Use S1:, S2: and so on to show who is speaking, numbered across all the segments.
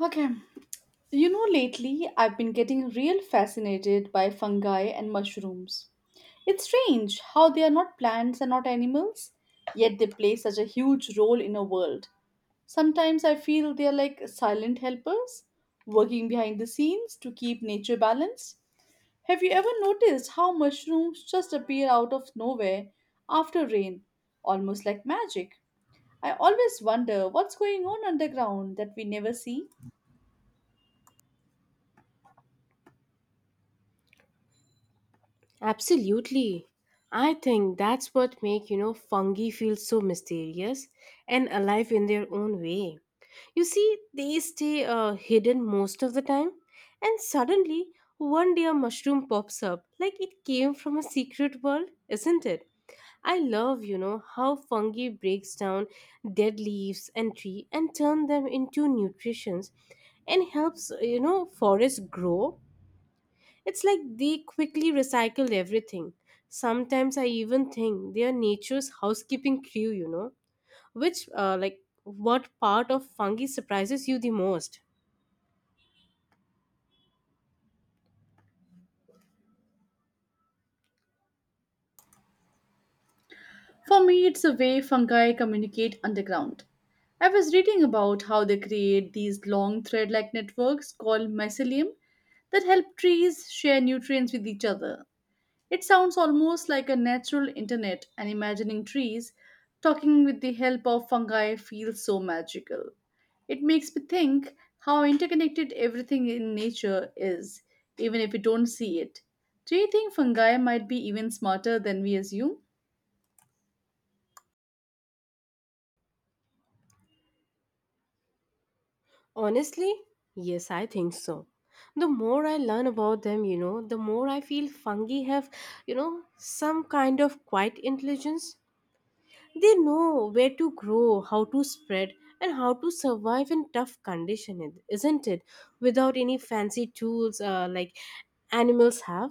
S1: Okay. You know, lately I've been getting real fascinated by fungi and mushrooms. It's strange how they are not plants and not animals, yet they play such a huge role in our world. Sometimes I feel they are like silent helpers, working behind the scenes to keep nature balanced. Have you ever noticed how mushrooms just appear out of nowhere after rain, almost like magic? I always wonder what's going on underground that we never see.
S2: Absolutely. I think that's what make, fungi feel so mysterious and alive in their own way. You see, they stay hidden most of the time and suddenly one day a mushroom pops up like it came from a secret world, isn't it? I love, how fungi breaks down dead leaves and tree and turn them into nutritions and helps forests grow. It's like they quickly recycle everything. Sometimes I even think they are nature's housekeeping crew. Which, what part of fungi surprises you the most?
S1: For me, it's the way fungi communicate underground. I was reading about how they create these long thread like networks called mycelium that help trees share nutrients with each other. It sounds almost like a natural internet, and imagining trees talking with the help of fungi feels so magical. It makes me think how interconnected everything in nature is, even if we don't see it. Do you think fungi might be even smarter than we assume?
S2: Honestly, yes, I think so. The more I learn about them, the more I feel fungi have, some kind of quiet intelligence. They know where to grow, how to spread, and how to survive in tough conditions, isn't it? Without any fancy tools like animals have.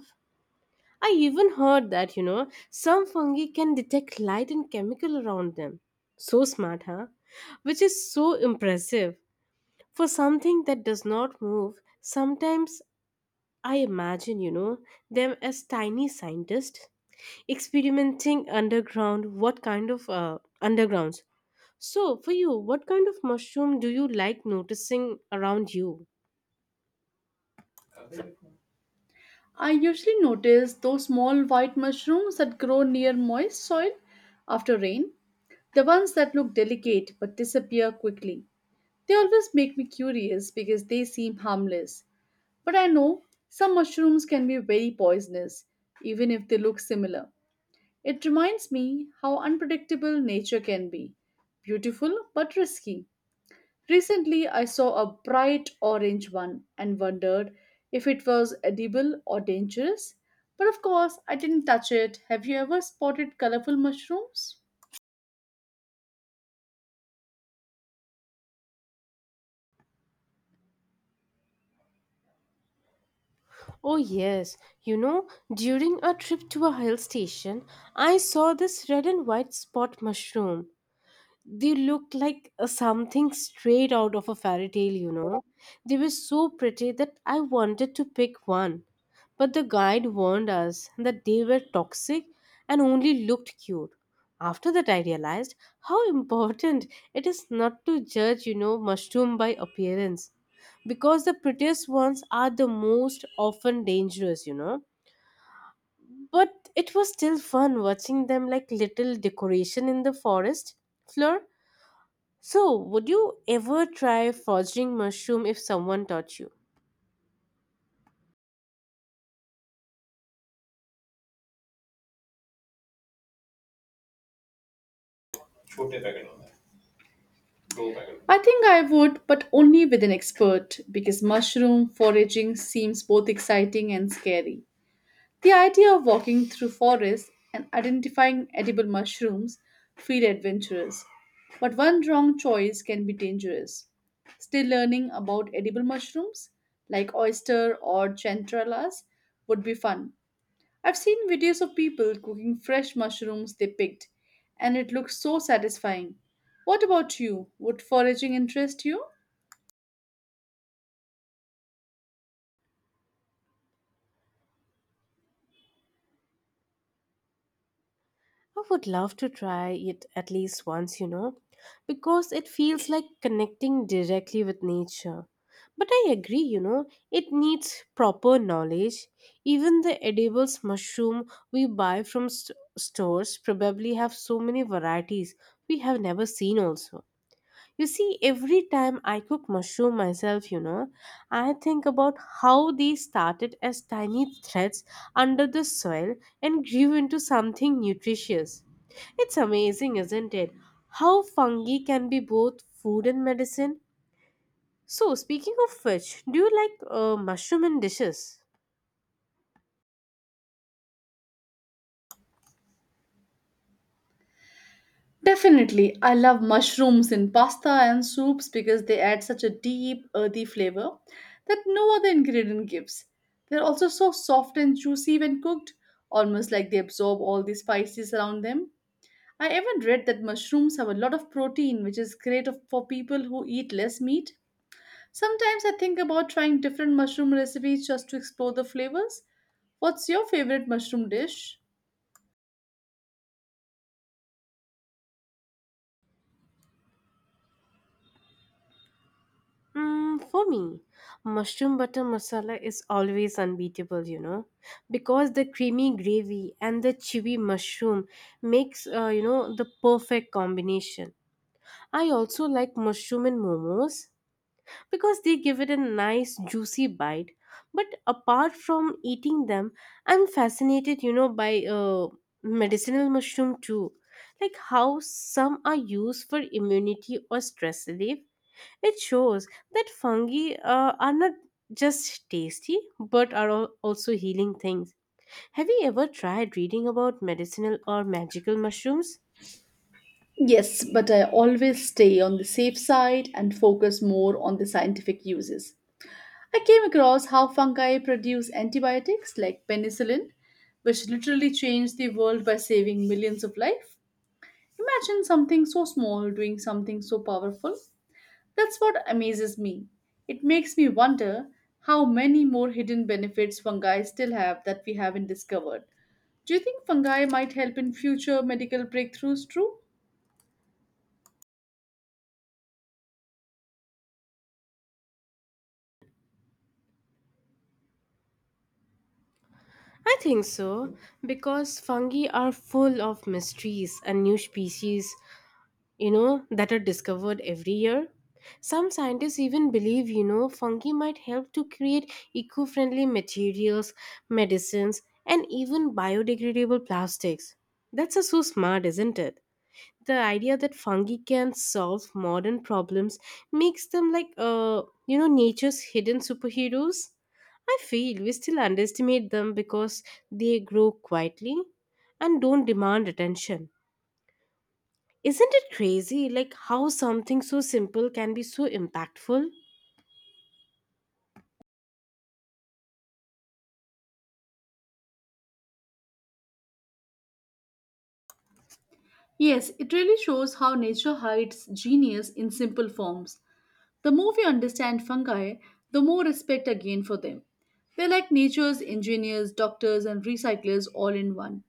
S2: I even heard that, some fungi can detect light and chemical around them. So smart, huh? Which is so impressive. For something that does not move, sometimes I imagine, them as tiny scientists experimenting underground. What kind of underground. So, for you, what kind of mushroom do you like noticing around you?
S1: I usually notice those small white mushrooms that grow near moist soil after rain, the ones that look delicate but disappear quickly. They always make me curious because they seem harmless. But I know some mushrooms can be very poisonous, even if they look similar. It reminds me how unpredictable nature can be beautiful but risky. Recently, I saw a bright orange one and wondered if it was edible or dangerous. But of course, I didn't touch it. Have you ever spotted colorful mushrooms?
S2: Oh, yes. You know, during a trip to a hill station, I saw this red and white spot mushroom. They looked like a something straight out of a fairy tale. They were so pretty that I wanted to pick one. But the guide warned us that they were toxic and only looked cute. After that, I realized how important it is not to judge, mushroom by appearance. Because the prettiest ones are the most often dangerous. But it was still fun watching them like little decoration in the forest floor. So, would you ever try foraging mushroom if someone taught you?
S1: I think I would, but only with an expert because mushroom foraging seems both exciting and scary. The idea of walking through forests and identifying edible mushrooms feel adventurous, but one wrong choice can be dangerous. Still learning about edible mushrooms like oyster or chanterelles would be fun. I've seen videos of people cooking fresh mushrooms they picked and it looks so satisfying. What about you? Would foraging interest you?
S2: I would love to try it at least once, because it feels like connecting directly with nature. But I agree, it needs proper knowledge. Even the edibles mushroom we buy from stores probably have so many varieties we have never seen also. You see, every time I cook mushroom myself, I think about how they started as tiny threads under the soil and grew into something nutritious. It's amazing, isn't it? How fungi can be both food and medicine. So, speaking of which, do you like mushroom in dishes?
S1: Definitely, I love mushrooms in pasta and soups because they add such a deep, earthy flavor that no other ingredient gives. They're also so soft and juicy when cooked, almost like they absorb all the spices around them. I even read that mushrooms have a lot of protein, which is great for people who eat less meat. Sometimes I think about trying different mushroom recipes just to explore the flavors. What's your favorite mushroom dish?
S2: Mm, for me, mushroom butter masala is always unbeatable, because the creamy gravy and the chewy mushroom makes the perfect combination. I also like mushroom in momos because they give it a nice juicy bite. But apart from eating them, I'm fascinated, by medicinal mushroom too, like how some are used for immunity or stress relief. It shows that fungi are not just tasty but are also healing things. Have you ever tried reading about medicinal or magical mushrooms?
S1: Yes, but I always stay on the safe side and focus more on the scientific uses. I came across how fungi produce antibiotics like penicillin, which literally changed the world by saving millions of lives. Imagine something so small doing something so powerful. That's what amazes me. It makes me wonder how many more hidden benefits fungi still have that we haven't discovered. Do you think fungi might help in future medical breakthroughs? True.
S2: I think so because fungi are full of mysteries and new species, that are discovered every year. Some scientists even believe, fungi might help to create eco friendly materials, medicines, and even biodegradable plastics. That's so smart, isn't it? The idea that fungi can solve modern problems makes them like nature's hidden superheroes. I feel we still underestimate them because they grow quietly and don't demand attention. Isn't it crazy like how something so simple can be so impactful?
S1: Yes, it really shows how nature hides genius in simple forms. The more we understand fungi, the more respect I gain for them. They're like nature's engineers, doctors, and recyclers all in one.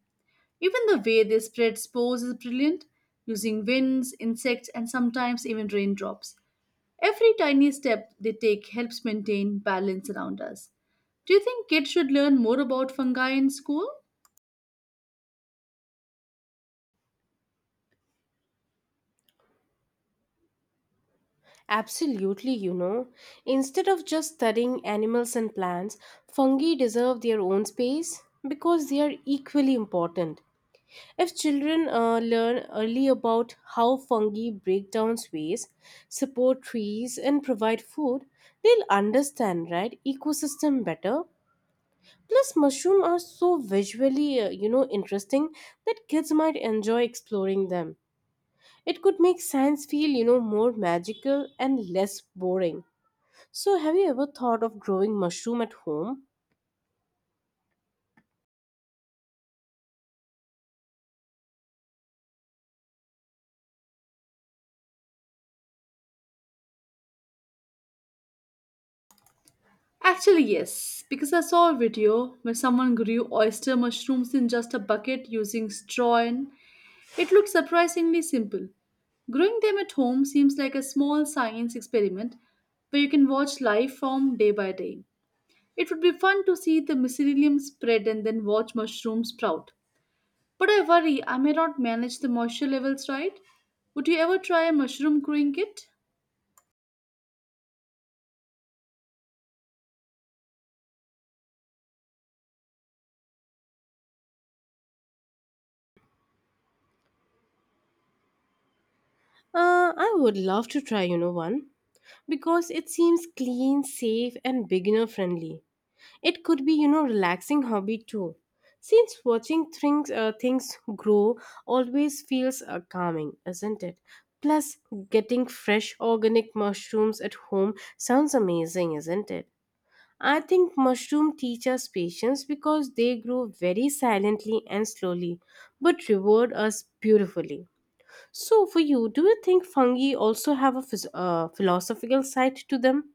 S1: Even the way they spread spores is brilliant, using winds, insects, and sometimes even raindrops. Every tiny step they take helps maintain balance around us. Do you think kids should learn more about fungi in school?
S2: Absolutely, you know. Instead of just studying animals and plants, fungi deserve their own space because they are equally important. If children learn early about how fungi break down waste, support trees, and provide food, they'll understand right ecosystem better. Plus, mushrooms are so visually interesting that kids might enjoy exploring them. It could make science feel, you know, more magical and less boring. So, have you ever thought of growing mushroom at home?
S1: Actually, yes, because I saw a video where someone grew oyster mushrooms in just a bucket using straw, and it looked surprisingly simple. Growing them at home seems like a small science experiment where you can watch life form day by day. It would be fun to see the mycelium spread and then watch mushrooms sprout. But I worry I may not manage the moisture levels right. Would you ever try a mushroom growing kit?
S2: I would love to try, you know, one because it seems clean, safe, and beginner friendly. It could be, relaxing hobby too. Since watching things grow always feels calming, isn't it? Plus, getting fresh organic mushrooms at home sounds amazing, isn't it? I think mushroom teach us patience because they grow very silently and slowly, but reward us beautifully. So, for you, do you think fungi also have a philosophical side to them?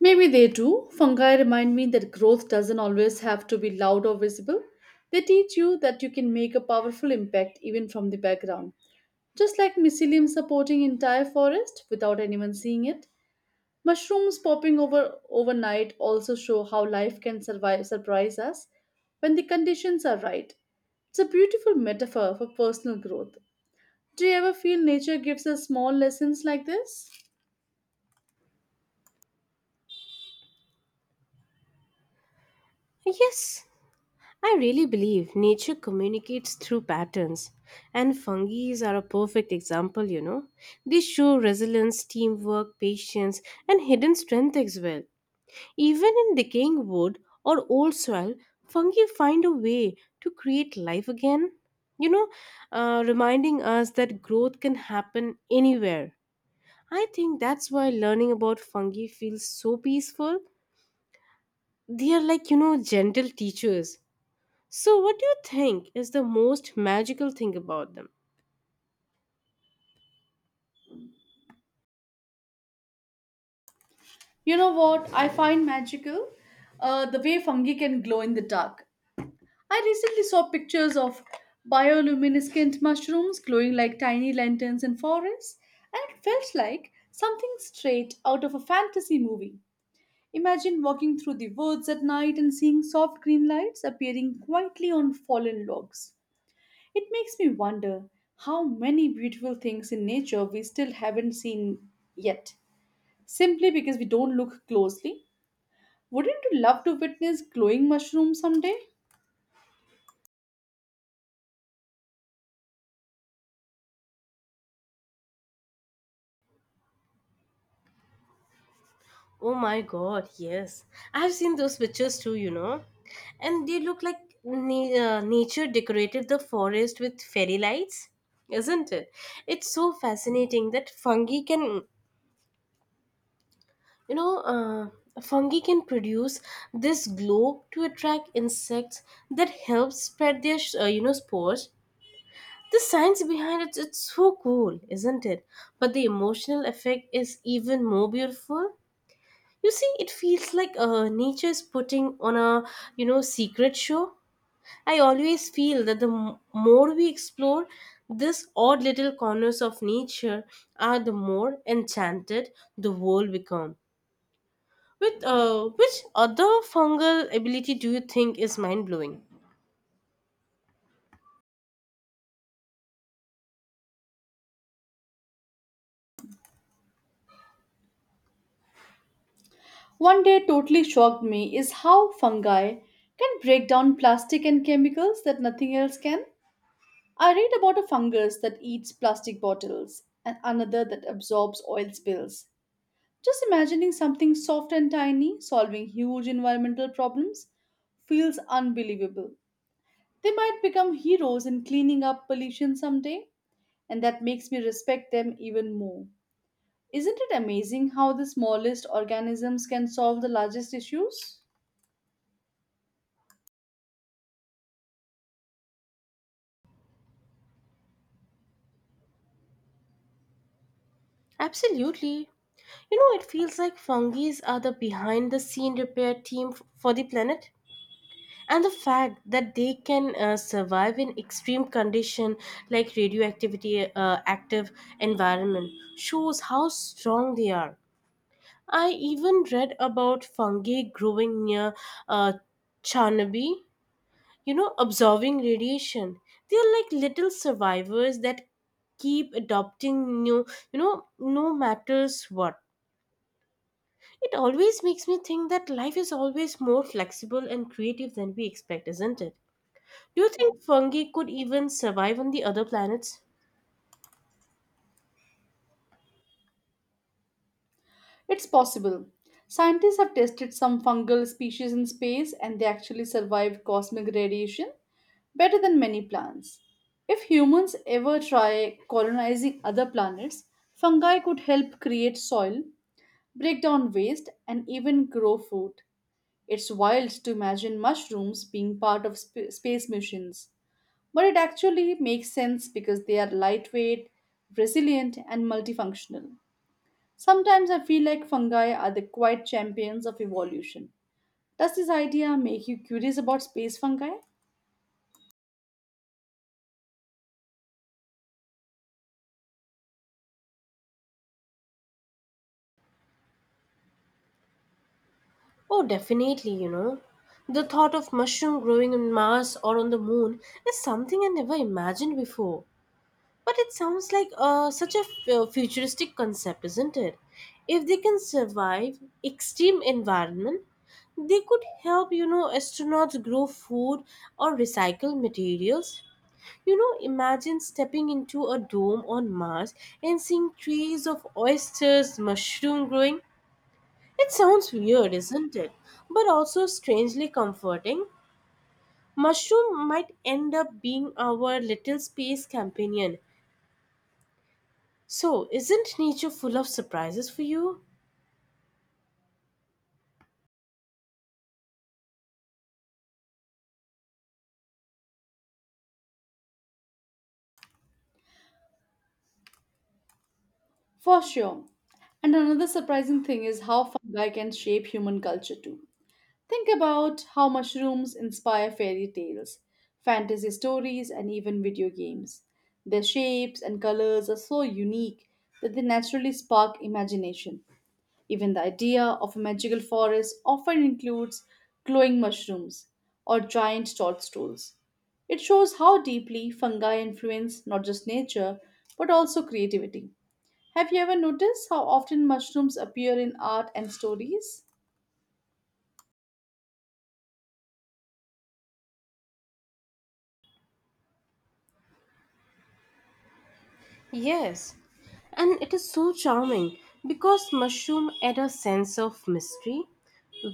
S1: Maybe they do. Fungi remind me that growth doesn't always have to be loud or visible. They teach you that you can make a powerful impact even from the background. Just like mycelium supporting entire forest without anyone seeing it. Mushrooms popping over overnight also show how life can survive surprise us when the conditions are right. It's a beautiful metaphor for personal growth. Do you ever feel nature gives us small lessons like this?
S2: Yes, I really believe nature communicates through patterns, and fungi are a perfect example, you know. They show resilience, teamwork, patience, and hidden strength as well. Even in decaying wood or old soil, fungi find a way to create life again, you know, reminding us that growth can happen anywhere. I think that's why learning about fungi feels so peaceful. They are like, gentle teachers. So, what do you think is the most magical thing about them?
S1: You know what I find magical? The way fungi can glow in the dark. I recently saw pictures of bioluminescent mushrooms glowing like tiny lanterns in forests, and it felt like something straight out of a fantasy movie. Imagine walking through the woods at night and seeing soft green lights appearing quietly on fallen logs. It makes me wonder how many beautiful things in nature we still haven't seen yet, simply because we don't look closely. Wouldn't you love to witness glowing mushrooms someday?
S2: Oh my god, yes. I've seen those pictures too, you know. And they look like nature decorated the forest with fairy lights, isn't it? It's so fascinating that fungi can produce this glow to attract insects that help spread their spores. The science behind it, it's so cool, isn't it? But the emotional effect is even more beautiful. You see, it feels like nature is putting on a, secret show. I always feel that more we explore this odd little corners of nature, are the more enchanted the world become. With which other fungal ability do you think is mind blowing?
S1: One day totally shocked me is how fungi can break down plastic and chemicals that nothing else can. I read about a fungus that eats plastic bottles and another that absorbs oil spills. Just imagining something soft and tiny solving huge environmental problems feels unbelievable. They might become heroes in cleaning up pollution someday, and that makes me respect them even more. Isn't it amazing how the smallest organisms can solve the largest issues?
S2: Absolutely. You know, it feels like fungi are the behind the scene repair team for the planet. And the fact that they can survive in extreme condition like radioactivity active environment shows how strong they are. I even read about fungi growing near uh, Chernobyl, you know, absorbing radiation. They are like little survivors that keep adopting new, you know, no matters what. It always makes me think that life is always more flexible and creative than we expect, isn't it? Do you think fungi could even survive on the other planets?
S1: It's possible. Scientists have tested some fungal species in space and they actually survived cosmic radiation better than many plants. If humans ever try colonizing other planets, fungi could help create soil, break down waste, and even grow food. It's wild to imagine mushrooms being part of space missions. But it actually makes sense because they are lightweight, resilient, and multifunctional. Sometimes I feel like fungi are the quiet champions of evolution. Does this idea make you curious about space fungi?
S2: Oh, definitely, you know. The thought of mushroom growing on Mars or on the moon is something I never imagined before. But it sounds like such a futuristic concept, isn't it? If they can survive extreme environment, they could help, astronauts grow food or recycle materials. You know, imagine stepping into a dome on Mars and seeing trees of oysters, mushroom growing. It sounds weird, isn't it? But also strangely comforting. Mushroom might end up being our little space companion. So, isn't nature full of surprises for you?
S1: For sure. And another surprising thing is how fungi can shape human culture too. Think about how mushrooms inspire fairy tales, fantasy stories, and even video games. Their shapes and colors are so unique that they naturally spark imagination. Even the idea of a magical forest often includes glowing mushrooms or giant toadstools. It shows how deeply fungi influence not just nature but also creativity. Have you ever noticed how often mushrooms appear in art and stories?
S2: Yes, and it is so charming because mushroom add a sense of mystery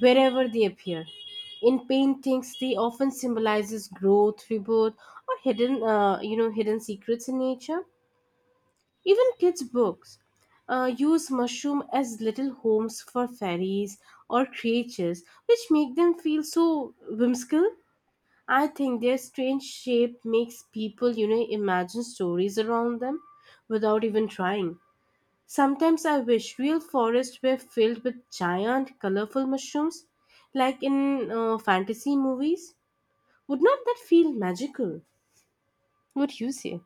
S2: wherever they appear. In paintings, they often symbolizes growth, rebirth, or hidden, hidden secrets in nature. Even kids' books use mushroom as little homes for fairies or creatures, which make them feel so whimsical. I think their strange shape makes people, imagine stories around them without even trying. Sometimes I wish real forests were filled with giant, colorful mushrooms, like in fantasy movies. Would not that feel magical? What you say?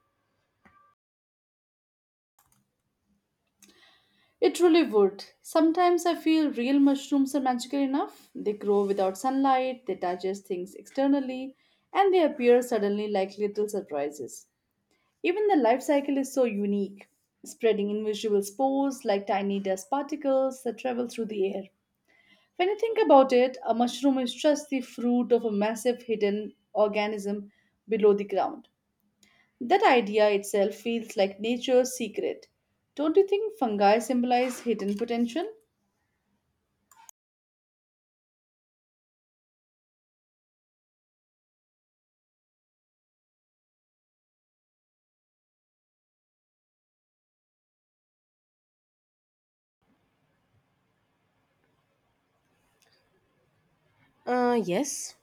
S1: It truly would. Sometimes I feel real mushrooms are magical enough. They grow without sunlight, they digest things externally, and they appear suddenly like little surprises. Even the life cycle is so unique, spreading invisible spores like tiny dust particles that travel through the air. When you think about it, a mushroom is just the fruit of a massive hidden organism below the ground. That idea itself feels like nature's secret. Don't you think fungi symbolize hidden potential?
S2: Yes.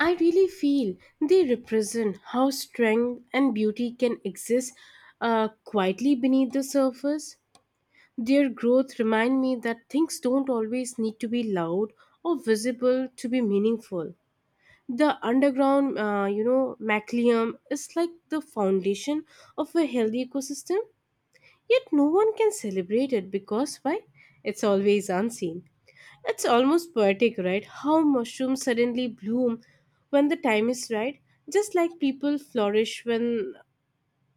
S2: I really feel they represent how strength and beauty can exist quietly beneath the surface. Their growth remind me that things don't always need to be loud or visible to be meaningful. The underground, mycelium is like the foundation of a healthy ecosystem. Yet no one can celebrate it because why? It's always unseen. It's almost poetic, right? How mushrooms suddenly bloom when the time is right, just like people flourish when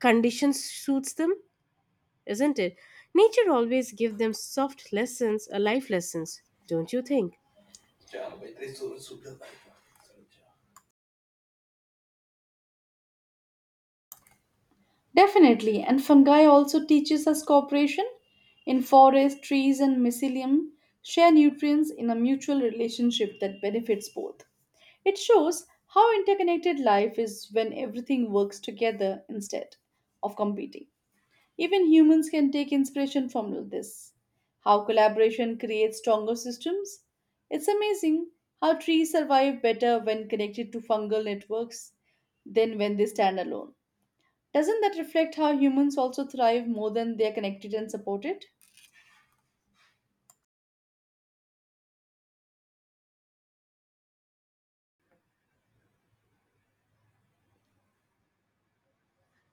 S2: conditions suits them, isn't it? Nature always gives them soft lessons, life lessons, don't you think?
S1: Definitely, and fungi also teaches us cooperation. In forests, trees and mycelium share nutrients in a mutual relationship that benefits both. It shows how interconnected life is when everything works together instead of competing. Even humans can take inspiration from this. How collaboration creates stronger systems. It's amazing how trees survive better when connected to fungal networks than when they stand alone. Doesn't that reflect how humans also thrive more than they are connected and supported?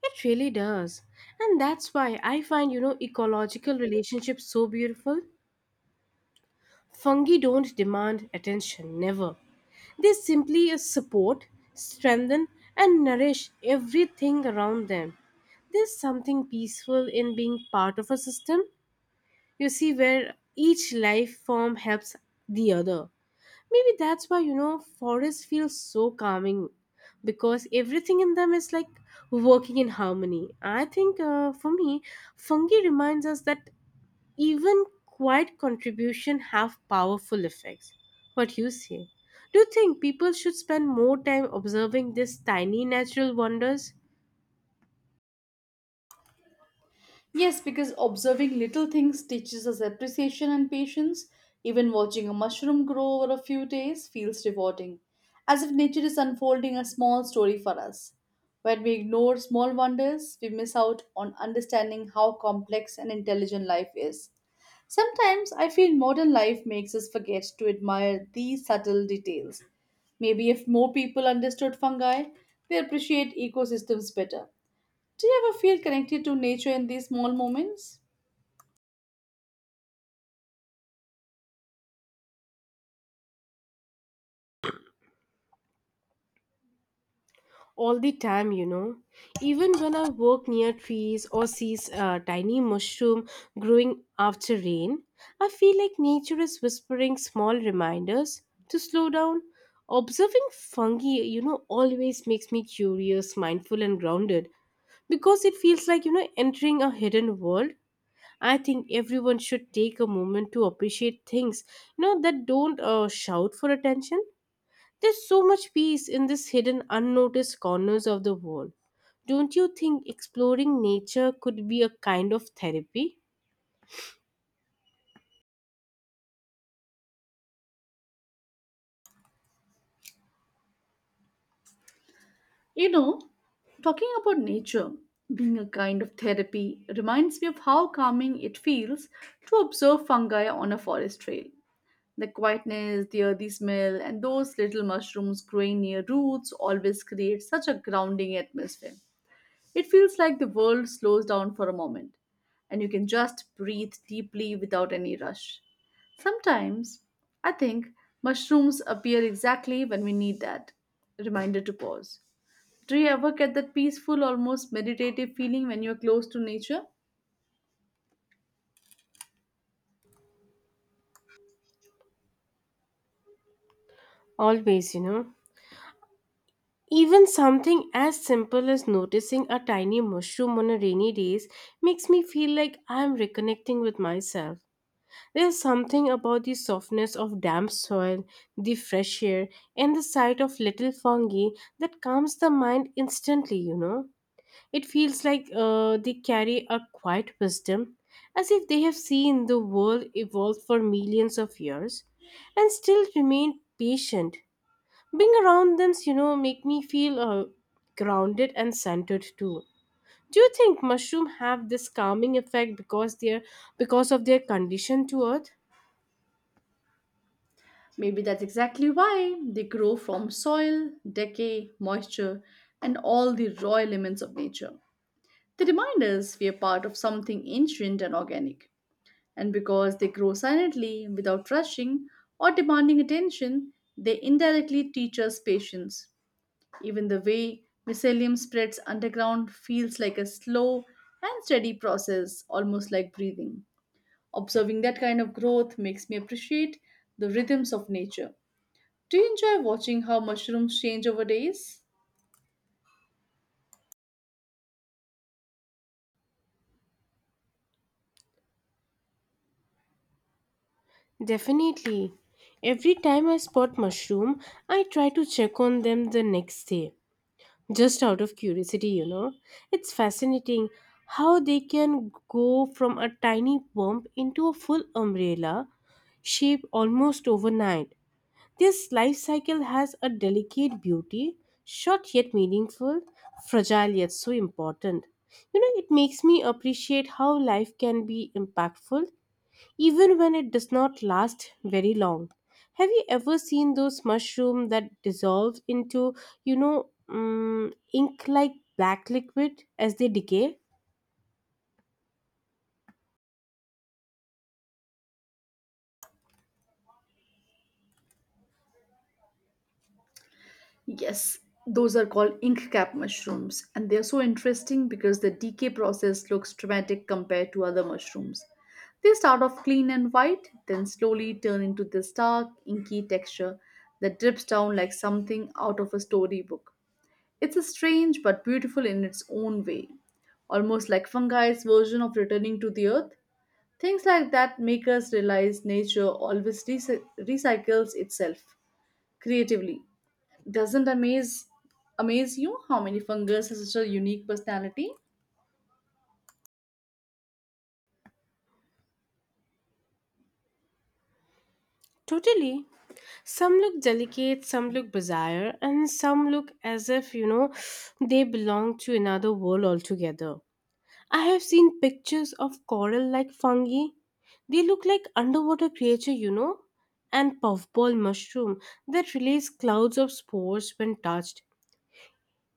S2: It really does. And that's why I find, ecological relationships so beautiful. Fungi don't demand attention, never. They simply support, strengthen, and nourish everything around them. There's something peaceful in being part of a system, you see, where each life form helps the other. Maybe that's why, forests feel so calming because everything in them is like working in harmony. I think for me, fungi reminds us that even quiet contribution have powerful effects. What you say? Do you think people should spend more time observing these tiny natural wonders?
S1: Yes, because observing little things teaches us appreciation and patience. Even watching a mushroom grow over a few days feels rewarding, as if nature is unfolding a small story for us. When we ignore small wonders, we miss out on understanding how complex and intelligent life is. Sometimes I feel modern life makes us forget to admire these subtle details. Maybe if more people understood fungi, they appreciate ecosystems better. Do you ever feel connected to nature in these small moments?
S2: All the time, you know. Even when I walk near trees or see a tiny mushroom growing after rain, I feel like nature is whispering small reminders to slow down. Observing fungi, you know, always makes me curious, mindful and grounded because it feels like, you know, entering a hidden world. I think everyone should take a moment to appreciate things, that don't shout for attention. There's so much peace in these hidden, unnoticed corners of the world. Don't you think exploring nature could be a kind of therapy?
S1: You know, talking about nature being a kind of therapy reminds me of how calming it feels to observe fungi on a forest trail. The quietness, the earthy smell, and those little mushrooms growing near roots always create such a grounding atmosphere. It feels like the world slows down for a moment and you can just breathe deeply without any rush. Sometimes I think mushrooms appear exactly when we need that reminder to pause. Do you ever get that peaceful, almost meditative feeling when you're close to nature?
S2: Always, you know. Even something as simple as noticing a tiny mushroom on a rainy day makes me feel like I am reconnecting with myself. There's something about the softness of damp soil, the fresh air, and the sight of little fungi that calms the mind instantly, you know. It feels like they carry a quiet wisdom, as if they have seen the world evolve for millions of years and still remain patient. Being around them, make me feel grounded and centered too. Do you think mushroom have this calming effect because they're because of their condition to earth?
S1: Maybe that's exactly why they grow from soil, decay, moisture, and all the raw elements of nature. They remind us we are part of something ancient and organic. And because they grow silently, without rushing or demanding attention, they indirectly teach us patience. Even the way mycelium spreads underground feels like a slow and steady process, almost like breathing. Observing that kind of growth makes me appreciate the rhythms of nature. Do you enjoy watching how mushrooms change over days?
S2: Definitely. Every time I spot mushroom, I try to check on them the next day. Just out of curiosity, you know. It's fascinating how they can go from a tiny bump into a full umbrella shape almost overnight. This life cycle has a delicate beauty, short yet meaningful, fragile yet so important. You know, it makes me appreciate how life can be impactful even when it does not last very long. Have you ever seen those mushrooms that dissolve into, ink like black liquid as they decay?
S1: Yes, those are called ink cap mushrooms, and they are so interesting because the decay process looks dramatic compared to other mushrooms. They start off clean and white, then slowly turn into this dark, inky texture that drips down like something out of a storybook. It's a strange but beautiful in its own way, almost like fungi's version of returning to the earth. Things like that make us realize nature always recycles itself creatively. Doesn't amaze you how many fungus has such a unique personality?
S2: Totally. Some look delicate, some look bizarre, and some look as if, they belong to another world altogether. I have seen pictures of coral like fungi. They look like underwater creature, you know, and puffball mushroom that release clouds of spores when touched.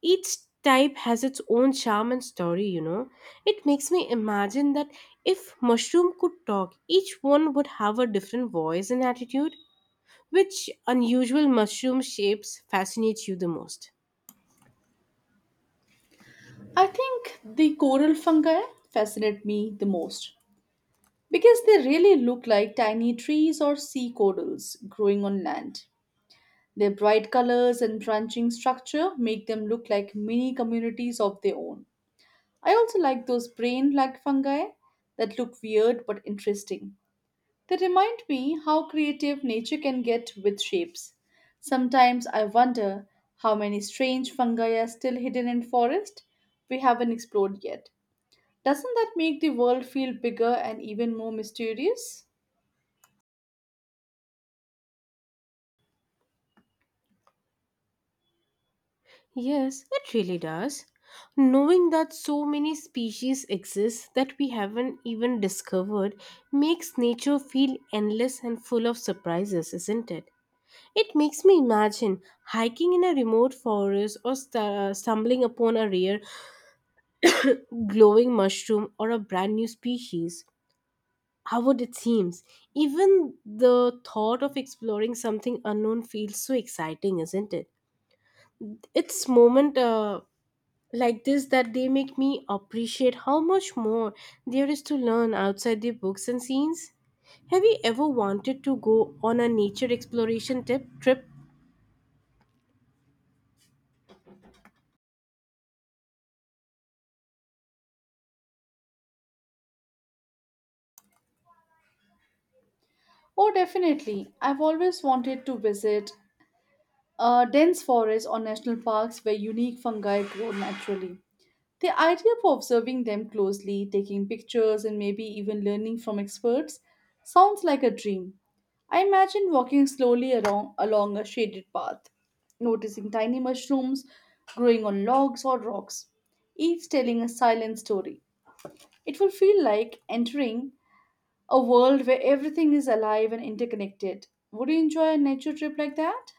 S2: Each type has its own charm and story, you know. It makes me imagine that if mushroom could talk, each one would have a different voice and attitude. Which unusual mushroom shapes fascinate you the most?
S1: I think the coral fungi fascinate me the most because they really look like tiny trees or sea corals growing on land. Their bright colors and branching structure make them look like mini communities of their own. I also like those brain like fungi that look weird but interesting. They remind me how creative nature can get with shapes. Sometimes I wonder how many strange fungi are still hidden in forest we haven't explored yet. Doesn't that make the world feel bigger and even more mysterious?
S2: Yes, it really does. Knowing that so many species exist that we haven't even discovered makes nature feel endless and full of surprises, isn't it? It makes me imagine hiking in a remote forest or stumbling upon a rare glowing mushroom or a brand new species. How would it seems? Even the thought of exploring something unknown feels so exciting, isn't it? It's moment like this that they make me appreciate how much more there is to learn outside the books and scenes. Have you ever wanted to go on a nature exploration tip trip
S1: Oh, definitely. I've always wanted to visit a dense forest or national parks where unique fungi grow naturally. The idea of observing them closely, taking pictures, and maybe even learning from experts sounds like a dream. I imagine walking slowly along a shaded path, noticing tiny mushrooms growing on logs or rocks, each telling a silent story. It will feel like entering a world where everything is alive and interconnected. Would you enjoy a nature trip like that?